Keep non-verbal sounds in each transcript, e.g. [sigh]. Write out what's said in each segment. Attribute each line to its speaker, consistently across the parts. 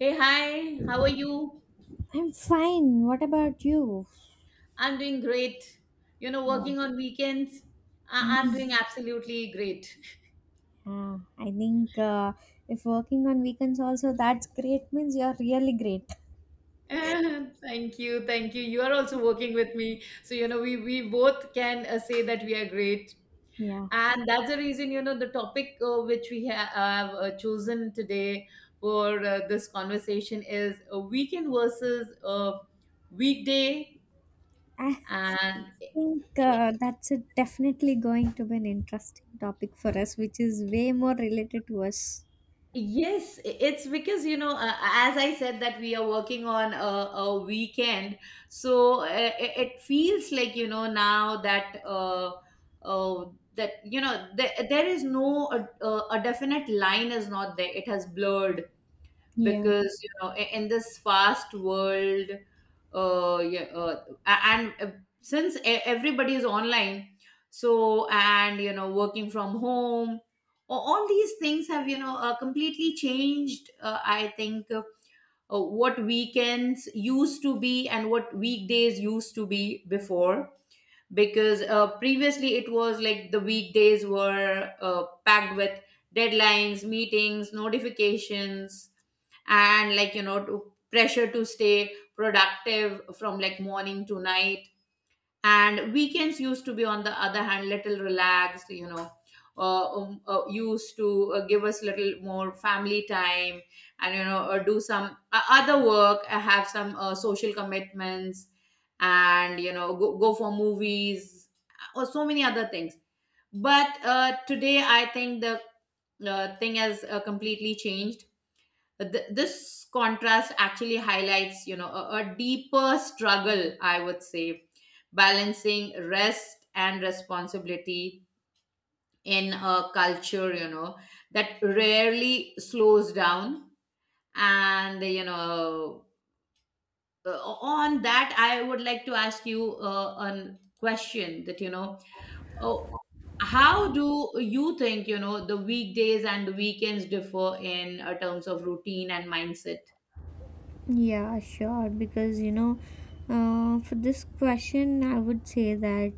Speaker 1: Hey, hi, how are you?
Speaker 2: I'm fine. What about you?
Speaker 1: I'm doing great. You know,
Speaker 2: No.
Speaker 1: working on weekends, I'm doing
Speaker 2: Mm.
Speaker 1: absolutely great. [laughs]
Speaker 2: Yeah, I think if working on weekends also, that's great. Means you're really great.
Speaker 1: Ah, thank you, thank you. You are also working with me. So, you know, we both can say that we are great.
Speaker 2: Yeah,
Speaker 1: And that's the reason, you know, the topic which we have chosen today for this conversation is a weekend versus a weekday.
Speaker 2: I
Speaker 1: And
Speaker 2: think that's a definitely going to be an interesting topic for us, which is way more related to us.
Speaker 1: yes, it's because you know, as I said, that we are working on a weekend, so it feels like you know now that uh, that you know there is no a definite line is not there. It has blurred
Speaker 2: Yeah.
Speaker 1: because you know in this fast world, yeah, and since everybody is online, so and you know working from home, all these things have you know completely changed. I think what weekends used to be and what weekdays used to be before, because previously it was like the weekdays were packed with deadlines, meetings, notifications, and like you know to pressure to stay productive from like morning to night. And weekends used to be, on the other hand, little relaxed, you know, used to give us little more family time, and you know do some other work, have some social commitments, and you know go for movies, or so many other things. But today I think the thing has completely changed. This contrast actually highlights, you know, a deeper struggle, I would say, balancing rest and responsibility in a culture, you know, that rarely slows down. And you know, on that I would like to ask you a question, that you know, oh, how do you think, you know, the weekdays and the weekends differ in terms of routine and mindset?
Speaker 2: Yeah, sure. Because, you know, for this question, I would say that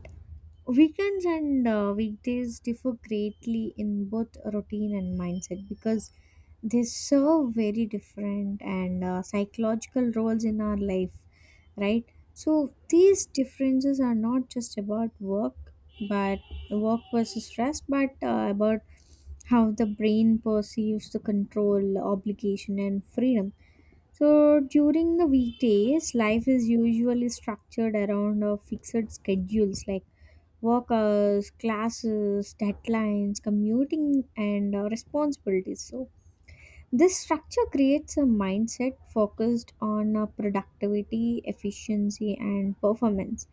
Speaker 2: weekends and weekdays differ greatly in both routine and mindset because they serve very different and psychological roles in our life, right? So these differences are not just about work, but work versus rest, but about how the brain perceives the control, obligation, and freedom. So during the weekdays, life is usually structured around fixed schedules like work hours, classes, deadlines, commuting, and responsibilities. So this structure creates a mindset focused on productivity, efficiency, and performance.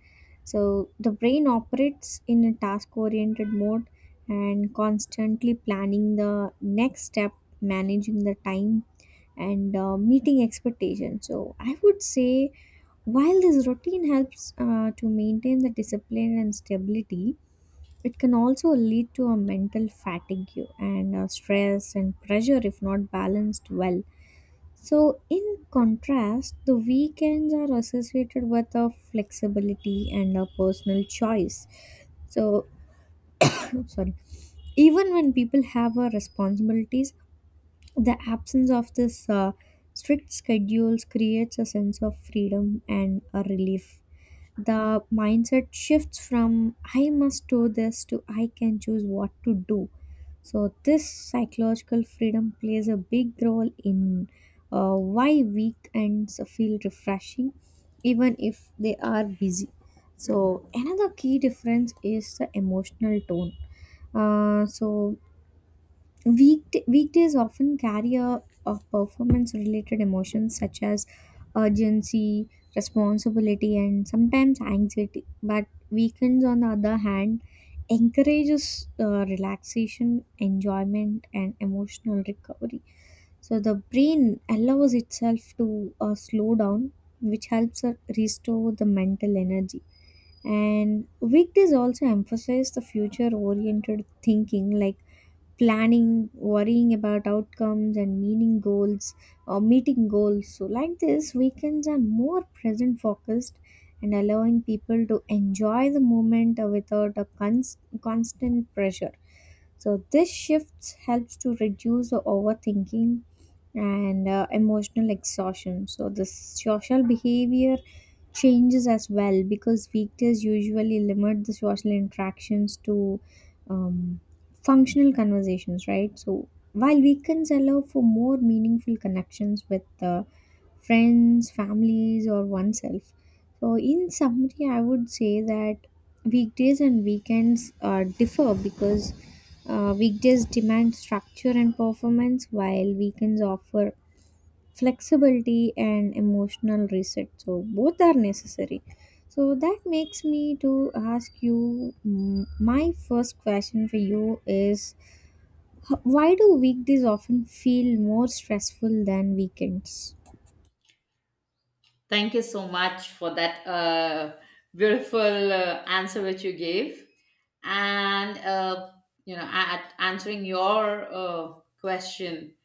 Speaker 2: So the brain operates in a task-oriented mode and constantly planning the next step, managing the time and meeting expectations. So I would say while this routine helps to maintain the discipline and stability, it can also lead to a mental fatigue and stress and pressure if not balanced well. So, in contrast, the weekends are associated with a flexibility and a personal choice. So, [coughs] [clears throat] sorry, even when people have a responsibilities, the absence of this strict schedules creates a sense of freedom and a relief. The mindset shifts from I must do this to I can choose what to do. So, this psychological freedom plays a big role in why weekends feel refreshing, even if they are busy. So, another key difference is the emotional tone. So, weekdays often carry a performance related emotions such as urgency, responsibility, and sometimes anxiety. But weekends, on the other hand, encourages relaxation, enjoyment, and emotional recovery. So the brain allows itself to slow down, which helps restore the mental energy. And weekdays also emphasize the future oriented thinking, like planning, worrying about outcomes, and meaning goals or meeting goals. So, like this, weekends are more present focused and allowing people to enjoy the moment without a constant pressure. So, this shift helps to reduce the overthinking and emotional exhaustion. So, the social behavior changes as well because weekdays usually limit the social interactions to. Um, Functional conversations, right? So while weekends allow for more meaningful connections with friends, families, or oneself. So in summary, I would say that weekdays and weekends differ because weekdays demand structure and performance, while weekends offer flexibility and emotional reset. So both are necessary. So that makes me to ask you. My first question for you is why do weekdays often feel more stressful than weekends?
Speaker 1: Thank you so much for that beautiful answer which you gave. And, you know, answering your question,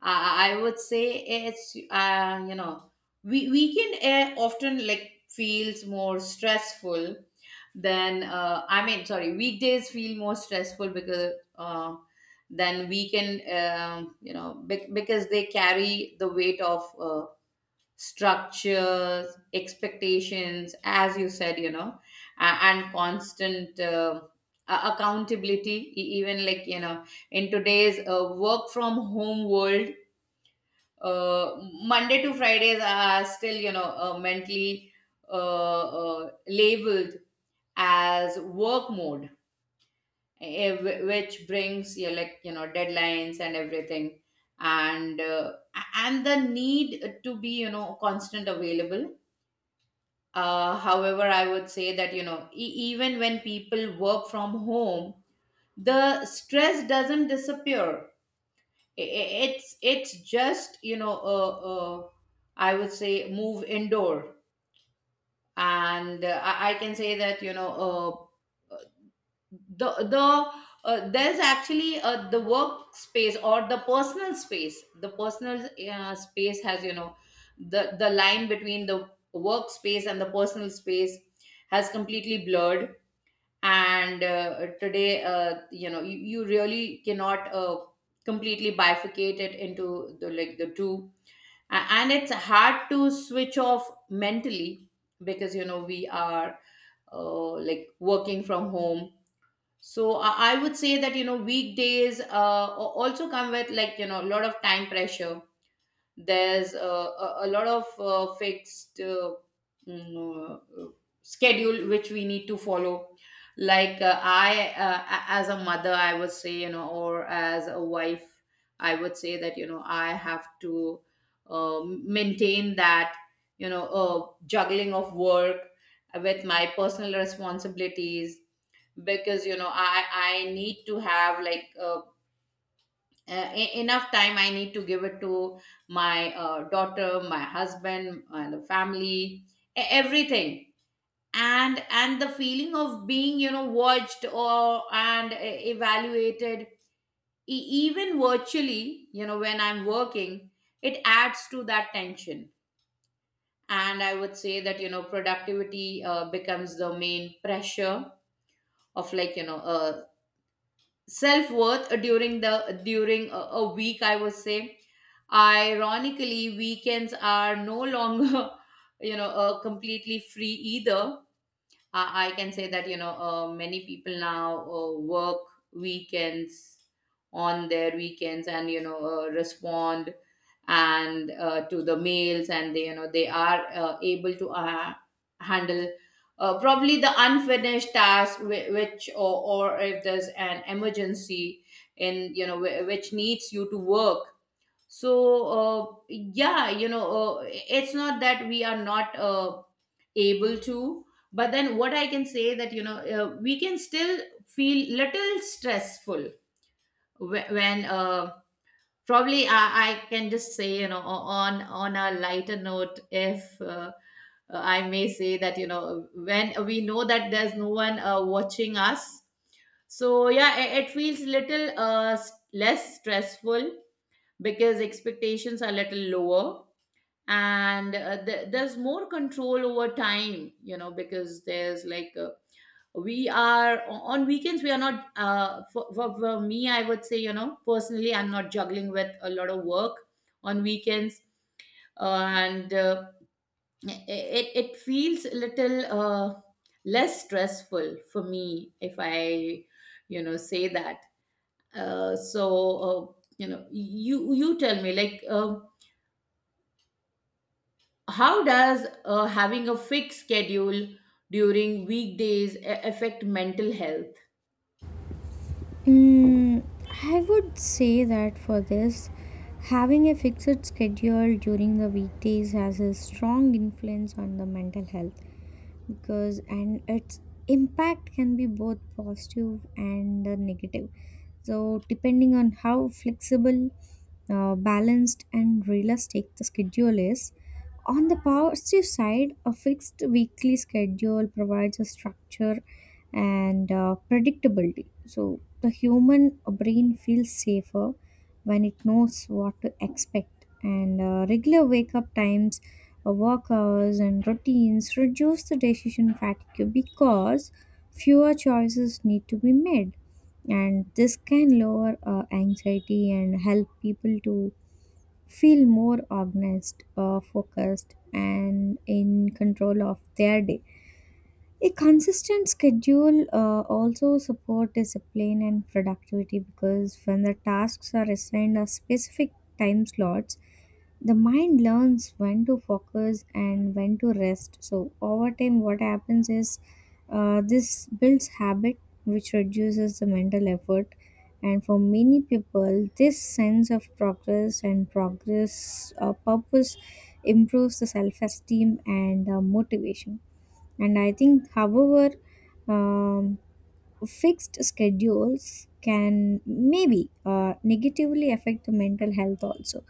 Speaker 1: I would say it's, you know, weekend air often like feels more stressful than, I mean, sorry, weekdays feel more stressful because, than weekend, you know, because they carry the weight of, structures, expectations, as you said, you know, and constant accountability, even like, you know, in today's work from home world, uh, Monday to Fridays are still, you know, mentally uh, labeled as work mode, which brings, you like, you know, deadlines and everything, and uh, and the need to be you know constant available. However, I would say that, you know, even when people work from home, the stress doesn't disappear. It's just, you know, I would say move indoor. And I can say that, you know, uh, the the there's actually the workspace or the personal space, the personal space has you know the line between the workspace and the personal space has completely blurred. And today you know you really cannot completely bifurcate it into the like the two. And it's hard to switch off mentally because you know we are like working from home. So I would say that you know weekdays also come with like you know a lot of time pressure. There's a lot of fixed mm, uh, uh, schedule which we need to follow. Like as a mother, I would say you know, or as a wife, I would say that you know I have to maintain that, you know, juggling of work with my personal responsibilities, because you know I need to have like enough time. I need to give it to my daughter, my husband and the family, everything. And the feeling of being, you know, watched or and evaluated, even virtually, you know, when I'm working, it adds to that tension. And I would say that you know productivity becomes the main pressure of like you know a, self worth during a week, I would say. Ironically, weekends are no longer [laughs] you know completely free either. I can say that you know many people now work weekends on their weekends, and you know respond and to the mails, and they you know they are able to handle probably the unfinished task which or if there's an emergency in you know which needs you to work. So yeah, you know, it's not that we are not able to. But then what I can say that, you know, we can still feel little stressful when probably I can just say you know on a lighter note, if I may say, that you know when we know that there's no one watching us, so yeah, it feels little less stressful because expectations are little lower. And there's more control over time, you know, because there's like we are, on weekends we are not for me I would say you know personally I'm not juggling with a lot of work on weekends. And it feels a little less stressful for me if I you know say that. So you know you tell me like, how does having a fixed schedule during weekdays affect mental health?
Speaker 2: Mm, I would say that for this, having a fixed schedule during the weekdays has a strong influence on the mental health because and its impact can be both positive and negative. So depending on how flexible, balanced and realistic the schedule is, on the positive side, a fixed weekly schedule provides a structure and predictability. So the human brain feels safer when it knows what to expect. And regular wake up times, work hours, and routines reduce the decision fatigue because fewer choices need to be made. And this can lower anxiety and help people to feel more organized, focused, and in control of their day. A consistent schedule also support discipline and productivity because when the tasks are assigned a specific time slots, the mind learns when to focus and when to rest. So over time what happens is this builds habit which reduces the mental effort, and for many people this sense of progress and progress purpose improves the self-esteem and motivation. And I think however, um, fixed schedules can maybe negatively affect the mental health also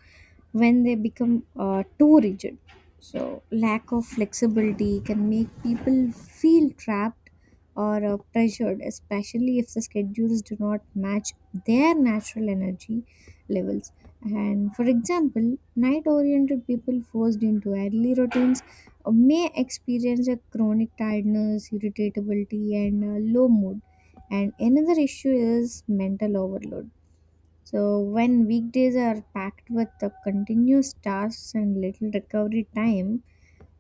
Speaker 2: when they become too rigid. So, lack of flexibility can make people feel trapped or pressured, especially if the schedules do not match their natural energy levels. And for example, night oriented people forced into early routines may experience a chronic tiredness, irritability, and low mood. And another issue is mental overload. So, when weekdays are packed with the continuous tasks and little recovery time,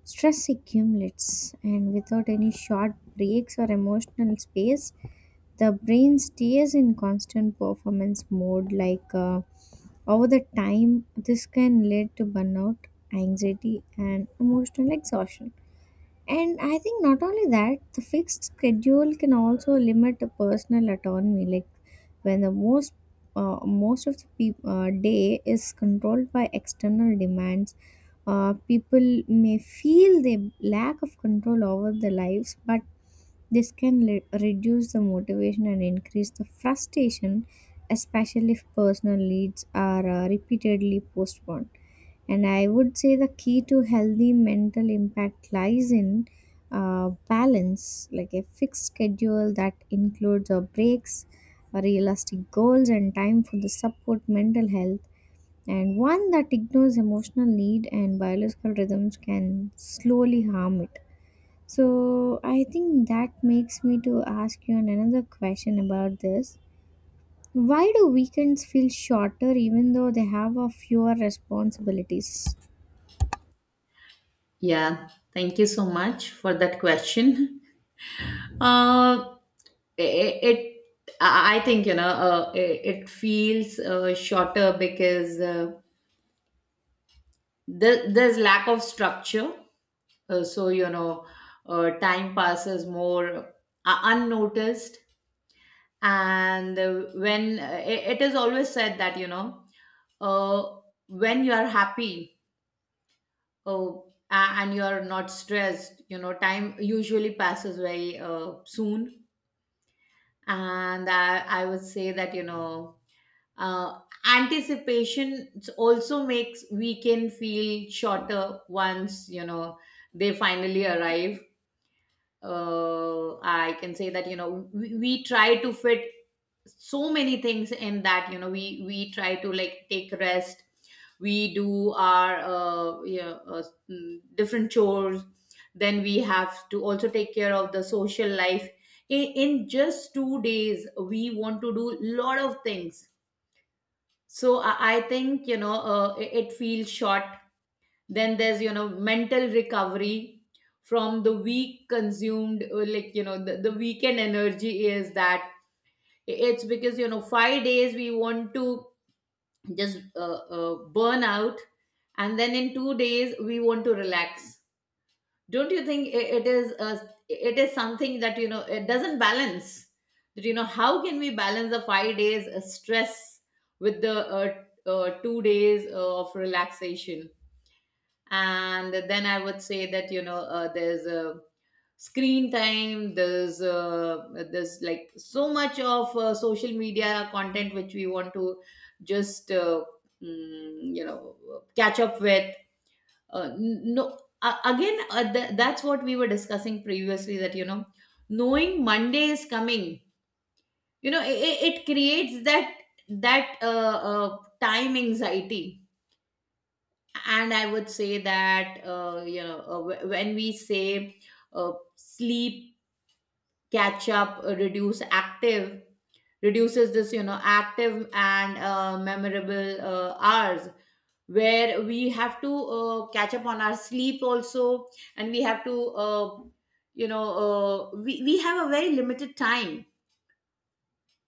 Speaker 2: stress accumulates, and without any short breaks or emotional space, the brain stays in constant performance mode. Over the time, this can lead to burnout, anxiety, and emotional exhaustion. And I think not only that, the fixed schedule can also limit the personal autonomy. Like when the most most of the peop day is controlled by external demands, people may feel the lack of control over their lives, but this can reduce the motivation and increase the frustration, especially if personal leads are repeatedly postponed. And I would say the key to healthy mental impact lies in balance, like a fixed schedule that includes our breaks, realistic goals, and time for the support mental health. And one that ignores emotional need and biological rhythms can slowly harm it. So I think that makes me to ask you another question about this. Why do weekends feel shorter even though they have a fewer responsibilities?
Speaker 1: Yeah, thank you so much for that question. Uh, it, it I think you know it feels shorter because there's lack of structure. So you know, time passes more unnoticed. And when it is always said that you know uh, when you are happy, oh, and you are not stressed, you know time usually passes very soon. And I would say that you know uh, anticipation also makes weekend feel shorter once you know they finally arrive. I can say that you know we try to fit so many things in, that you know we try to like take rest, we do our uh, different chores. Then we have to also take care of the social life in just 2 days we want to do lot of things. So I think you know it feels short. Then there's you know mental recovery from the week consumed, like you know the weekend energy is that, it's because, you know, 5 days we want to just burn out, and then in 2 days we want to relax. Don't you think it is a, it is something that you know it doesn't balance? That you know how can we balance the 5 days stress with the 2 days of relaxation? And then I would say that you know there's a screen time, there's like so much of social media content which we want to just you know catch up with. N- no, again, that's what we were discussing previously, that you know, knowing Monday is coming, you know it creates that, that uh, time anxiety. And I would say that you know when we say sleep catch up reduces this you know active and memorable hours, where we have to catch up on our sleep also. And we have to you know we have a very limited time.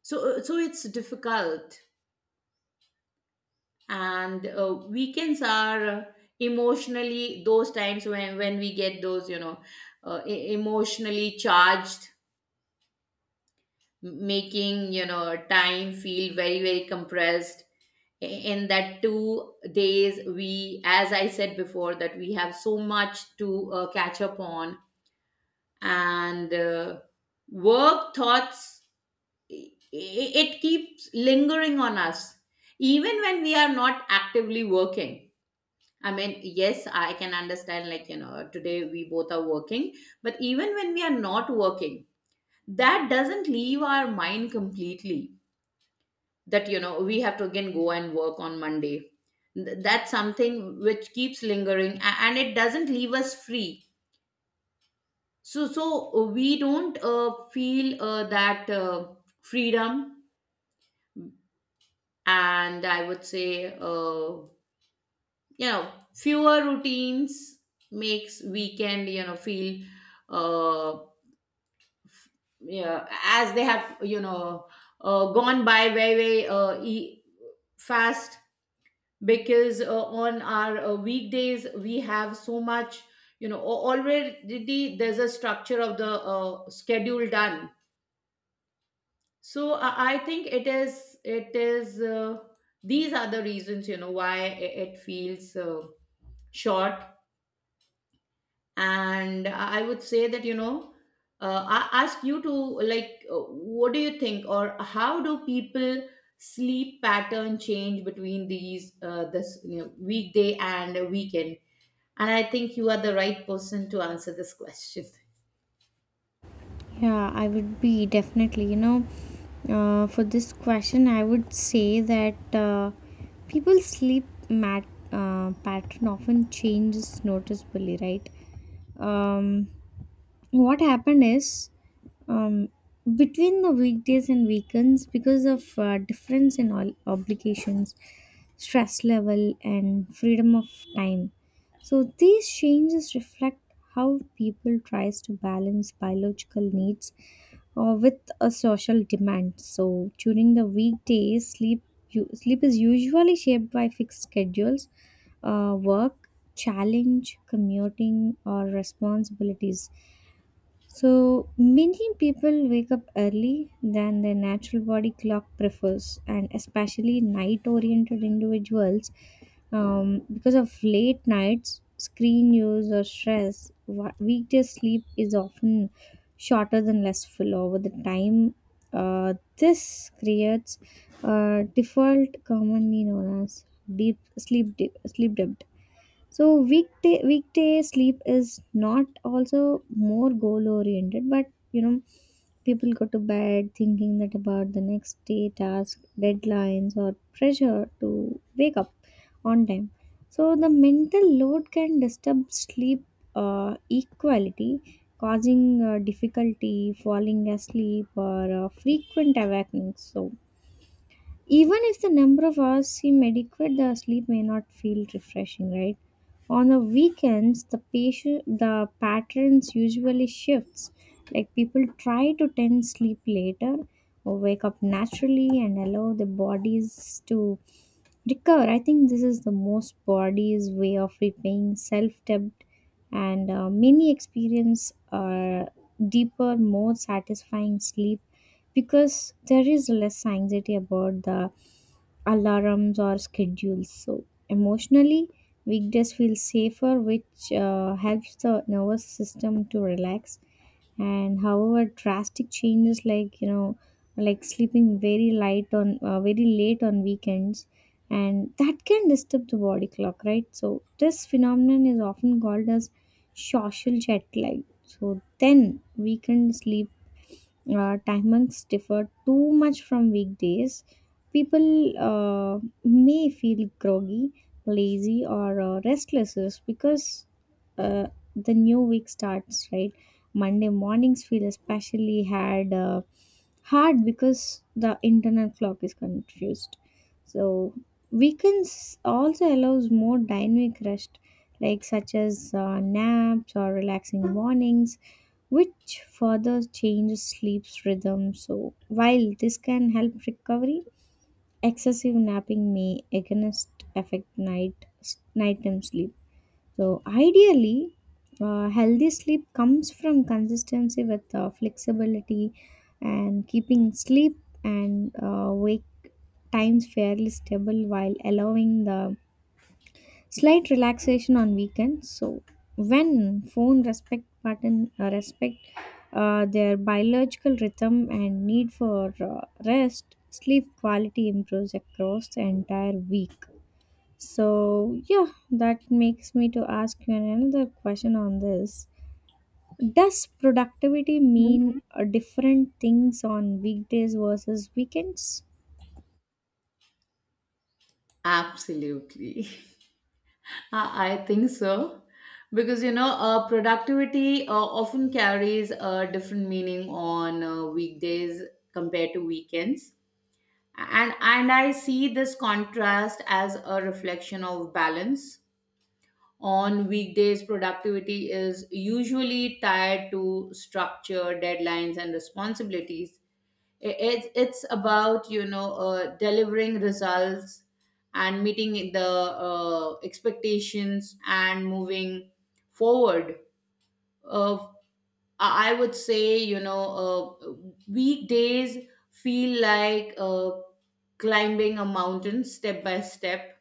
Speaker 1: So so it's difficult. And weekends are emotionally those times when we get those you know emotionally charged, making you know time feel very very compressed. I- in that 2 days, we, as I said before, that we have so much to catch up on. And work thoughts, i- it keeps lingering on us even when we are not actively working. I mean, yes, I can understand, like, you know, today we both are working, but even when we are not working, that doesn't leave our mind completely. That, you know, we have to again go and work on Monday. That's something which keeps lingering and it doesn't leave us free. So we don't feel that freedom, and I would say fewer routines makes weekend feel uh f- yeah as they have, gone by very fast, because on our weekdays we have so much, already there's a structure of the schedule done. So I think it is. These are the reasons, why it feels short. And I would say that, I ask you to, like uh, what do you think, or how do people sleep pattern change between these this you know, weekday and a weekend? And I think you are the right person to answer this question.
Speaker 2: Yeah, I would be definitely. You know, for this question, I would say that people sleep mat pattern often changes noticeably, right? Um, what happened is um, between the weekdays and weekends because of difference in all obligations, stress level and freedom of time, so these changes reflect how people tries to balance biological needs with a social demand. So during the weekdays sleep, sleep is usually shaped by fixed schedules, work challenge, commuting or responsibilities, so many people wake up early than their natural body clock prefers, and especially night oriented individuals, because of late nights, screen use, or stress, weekday sleep is often shorter than less full over the time. This creates a default commonly known as sleep debt. So weekday sleep is not also more goal oriented, but you know, people go to bed thinking that about the next day task, deadlines or pressure to wake up on time. So the mental load can disturb sleep equality, causing difficulty falling asleep or frequent awakenings. So even if the number of hours seem adequate, the sleep may not feel refreshing, right? On the weekends, the patterns usually shifts. Like people try to tend sleep later or wake up naturally and allow the bodies to recover. I think this is the most body's way of repaying self-debt, and many experience deeper, more satisfying sleep because there is less anxiety about the alarms or schedules. So emotionally, weekdays feel safer, which helps the nervous system to relax. And however, drastic changes like you know, like sleeping very light on very late on weekends, and that can disturb the body clock, right? So this phenomenon is often called as social jet lag. So then, weekend sleep time months differ too much from weekdays, people may feel groggy, lazy, or restless is because uh, the new week starts, right? Monday mornings feel especially hard, hard because the internal clock is confused. So weekends also allows more dynamic rest, like such as naps or relaxing mornings which further changes sleep's rhythm. So, while this can help recovery, excessive napping may against affect nighttime sleep. So, ideally, healthy sleep comes from consistency with flexibility and keeping sleep and wake times fairly stable while allowing the slight relaxation on weekends. So when phone respect button respect their biological rhythm and need for rest, sleep quality improves across the entire week. So yeah, that makes me to ask you another question on this. Does productivity
Speaker 1: Mhm.
Speaker 2: mean different things on weekdays versus weekends?
Speaker 1: Absolutely. [laughs] I think so. Because, you know, productivity often carries a different meaning on weekdays compared to weekends. And I see this contrast as a reflection of balance. On weekdays, productivity is usually tied to structure, deadlines and responsibilities. It's about, you know, delivering results and meeting the expectations and moving forward. Uh, I I would say, you know, weekdays feel like climbing a mountain step by step,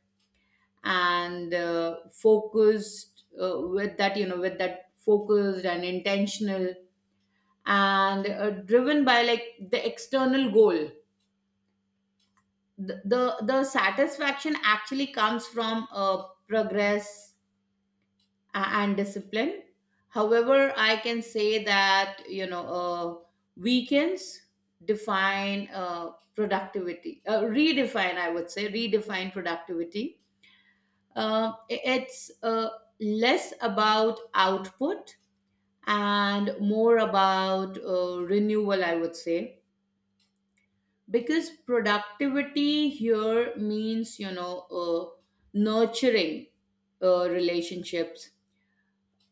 Speaker 1: and focused with that, you know, with that, focused and intentional, and driven by like the external goal. The satisfaction actually comes from progress and discipline. However, I can say that, weekends define productivity, redefine. I would say redefine productivity. It's less about output and more about renewal, I would say, because productivity here means, nurturing relationships.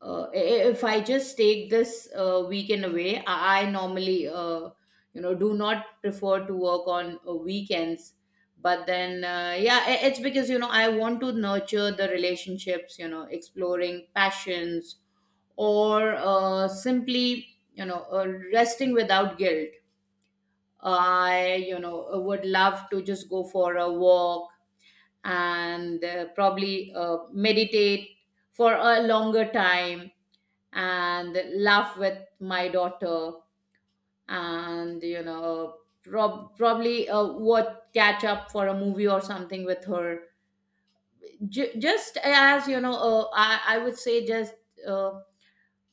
Speaker 1: uh, if I just take this weekend away, I normally, do not prefer to work on weekends. But then, yeah, it's because, you know, I want to nurture the relationships, you know, exploring passions, or simply, you know, uh, resting without guilt. I, would love to just go for a walk, and probably meditate for a longer time, and laugh with my daughter, and probably what catch up for a movie or something with her. Just as, I would say, just uh,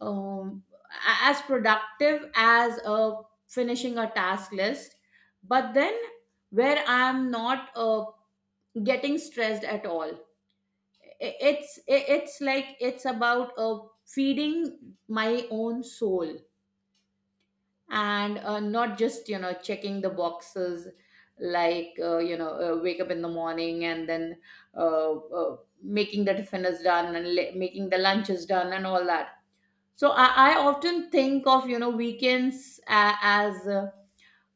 Speaker 1: um, as productive as finishing a task list, but then where I'm not getting stressed at all. It's like, it's about feeding my own soul, and not just, checking the boxes, like wake up in the morning, and then uh, uh, making the tiffin is done, and making the lunch is done, and all that. So I often think of, weekends as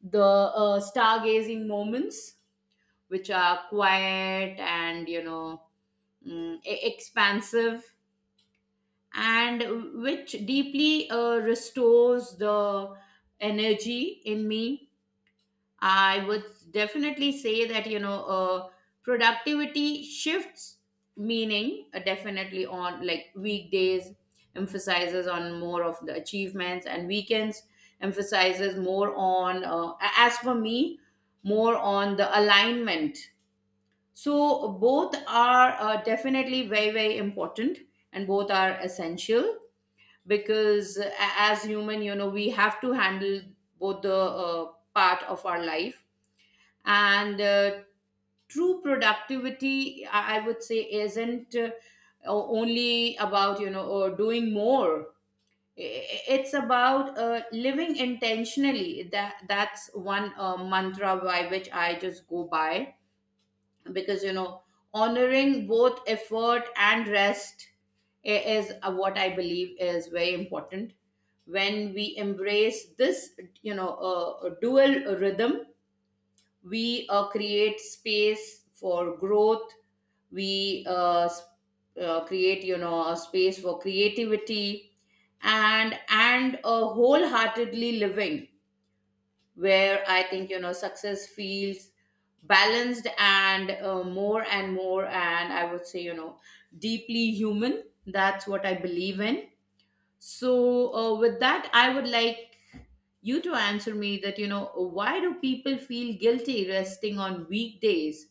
Speaker 1: the stargazing moments, which are quiet and, expansive, and which deeply restores the energy in me. I would definitely say that, you know, productivity shifts meaning. Definitely on like weekdays, emphasizes on more of the achievements, and weekends emphasizes more on, as for me, more on the alignment. So both are definitely very, very important, and both are essential, because as human, you know, we have to handle both the part of our life. And true productivity, I would say, isn't only about, or doing more. It's about living intentionally. That's one mantra by which I just go by, because, you know, honoring both effort and rest is what I believe is very important. When we embrace this, dual rhythm, we create space for growth, we create, you know, a space for creativity, and a wholeheartedly living, where I think, you know, success feels balanced and more and more and I would say, you know, deeply human. That's what I believe in. So with that, I would like you to answer me that, you know, why do people feel guilty resting on weekdays,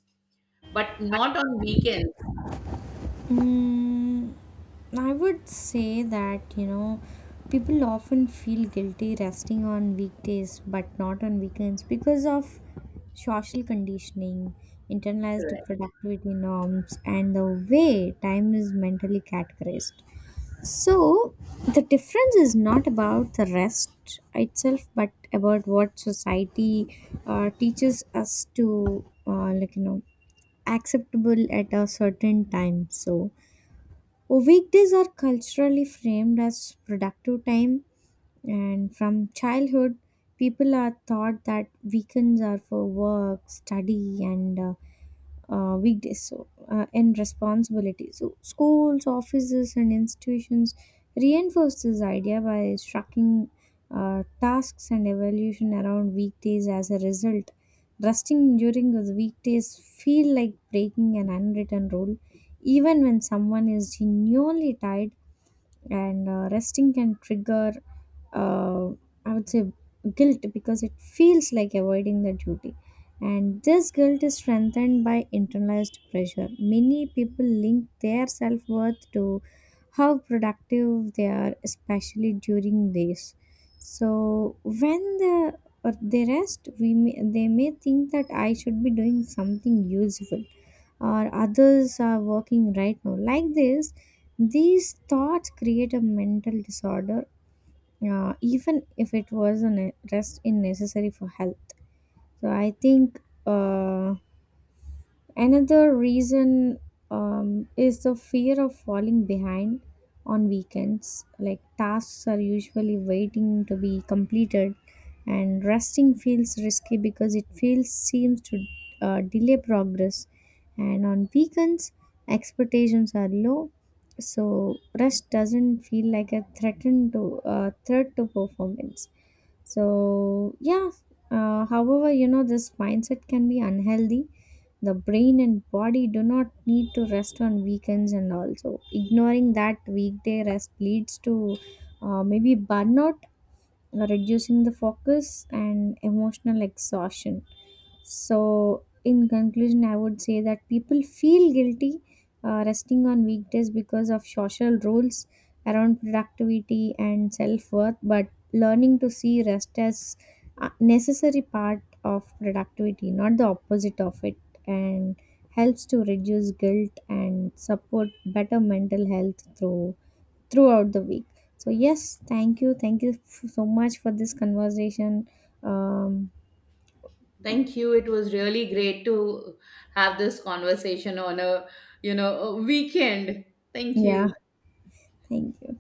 Speaker 1: but not on weekends?
Speaker 2: Mm. I would say that, you know, people often feel guilty resting on weekdays but not on weekends because of social conditioning, internalized
Speaker 1: Correct.
Speaker 2: productivity norms, and the way time is mentally categorized. So, the difference is not about the rest itself but about what society teaches us to, like, you know, acceptable at a certain time. So, weekdays are culturally framed as productive time, and from childhood, people are taught that weekends are for work, study, and weekdays, so and responsibility. So schools, offices and institutions reinforce this idea by striking tasks and evaluation around weekdays. As a result, resting during the weekdays feel like breaking an unwritten rule, even when someone is genuinely tired, and resting can trigger uh, I would say guilt because it feels like avoiding the duty. And this guilt is strengthened by internalized pressure. Many people link their self-worth to how productive they are, especially during days. So when the or they rest, we may, they may think that I should be doing something useful, or others are working right now. Like this, these thoughts create a mental disorder, even if it was a rest in necessary for health. So I think uh, another reason is the fear of falling behind on weekends. Like tasks are usually waiting to be completed, and resting feels risky because it feels seems to delay progress. And on weekends, expectations are low, so rest doesn't feel like a threaten to threat to performance. So yeah, however, you know, this mindset can be unhealthy. The brain and body do not need to rest on weekends, and also ignoring that weekday rest leads to maybe burnout, reducing the focus and emotional exhaustion. So, in conclusion, I would say that people feel guilty resting on weekdays because of social rules around productivity and self worth, but learning to see rest as a necessary part of productivity, not the opposite of it, and helps to reduce guilt and support better mental health throughout the week. So yes, thank you, so much for this conversation. Um,
Speaker 1: Thank you. It was really great to have this conversation on a, you know, a weekend. Thank
Speaker 2: yeah,
Speaker 1: you.
Speaker 2: thank you.